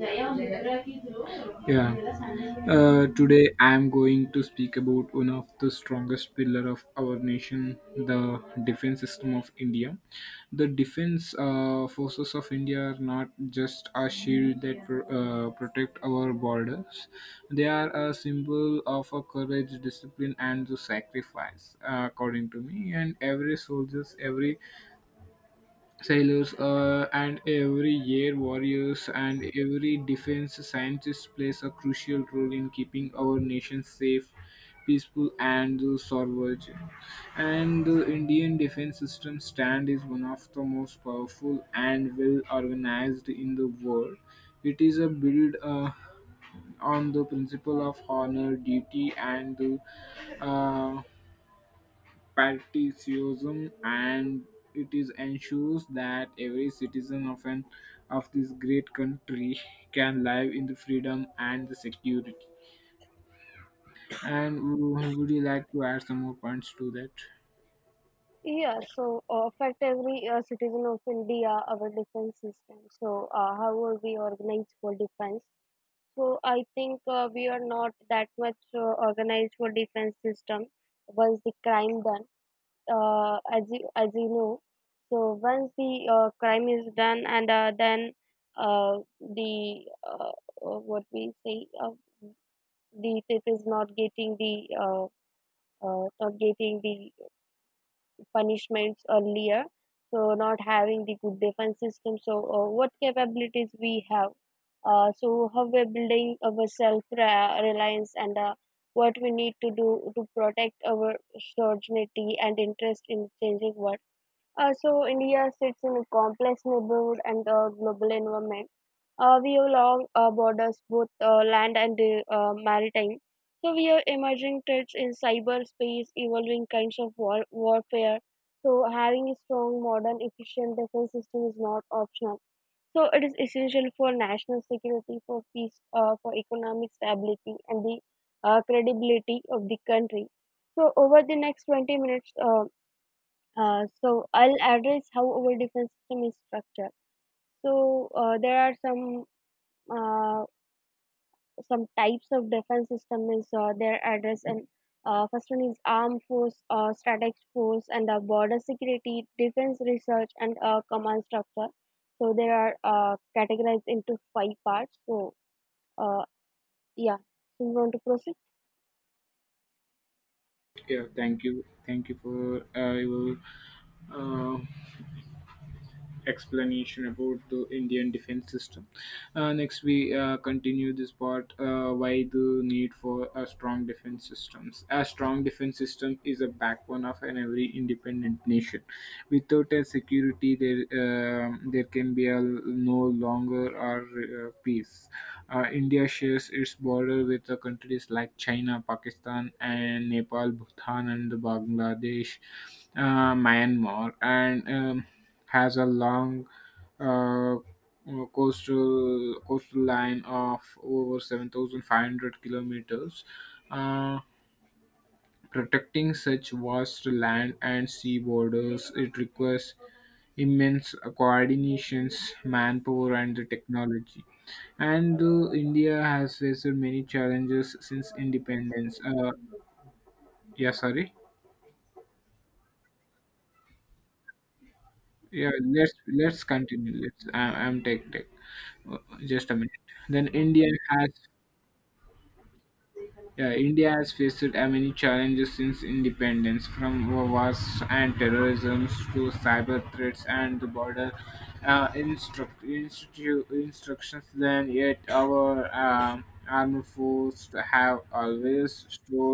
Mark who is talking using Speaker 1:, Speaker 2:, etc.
Speaker 1: Yeah. Today I am going to speak about one of the strongest pillar of our nation, the defense system of India. The defense forces of India are not just a shield that protect our borders; they are a symbol of a courage, discipline, and the sacrifice. According to me, and every soldiers, every sailors, and every year warriors and every defense scientist plays a crucial role in keeping our nation safe, peaceful, and sovereign. And the Indian defense system stand is one of the most powerful and well organized in the world. It is a build. On the principle of honor, duty, and uh, patriotism and it is ensures that every citizen of this great country can live in the freedom and the security and would you like to add some more points to that?
Speaker 2: Yeah, so affect every citizen of India, our defense system. So, how are we organized for defense? So, I think we are not that much organized for defense system. Once the crime done, as you know, so once the crime is done, and then the what we say, the it is not getting the not getting the punishments earlier, so not having the good defense system. So, what capabilities we have? So, how we're building our self reliance and what we need to do to protect our sovereignty and interest in changing world . So India sits in a complex neighborhood and a global environment. We have long borders, both land and maritime. So we have emerging threats in cyberspace, evolving kinds of warfare. So having a strong, modern, efficient defense system is not optional. So it is essential for national security, for peace, for economic stability, and the credibility of the country. So over the next 20 minutes, so I'll address how our defense system is structured. So there are uh, some types of defense system is their address and first one is armed force, static force, and border security, defense research, and command structure. So there are categorized into 5 parts. So uh, yeah, so you want to proceed?
Speaker 1: Yeah, thank you, for your uh, explanation about the Indian defense system. Next, we continue this part, why the need for a strong defense systems. A strong defense system is a backbone of an every independent nation. Without a security, there can be a no longer our peace. India shares its border with the countries like China, Pakistan, and Nepal, Bhutan, and Bangladesh, Myanmar, and has a long uh, coastal line of over 7,500 kilometers. Uh, protecting such vast land and sea borders, it requires immense coordinations, manpower, and the technology. And India has faced many challenges since independence. Yeah, sorry. Yeah, let's continue. Let's I, I'm tech tech Uh, just a minute. Then india has Yeah, India has faced many challenges since independence, from wars and terrorism to cyber threats and the border instructions. Then, yet our armed forces have always stood,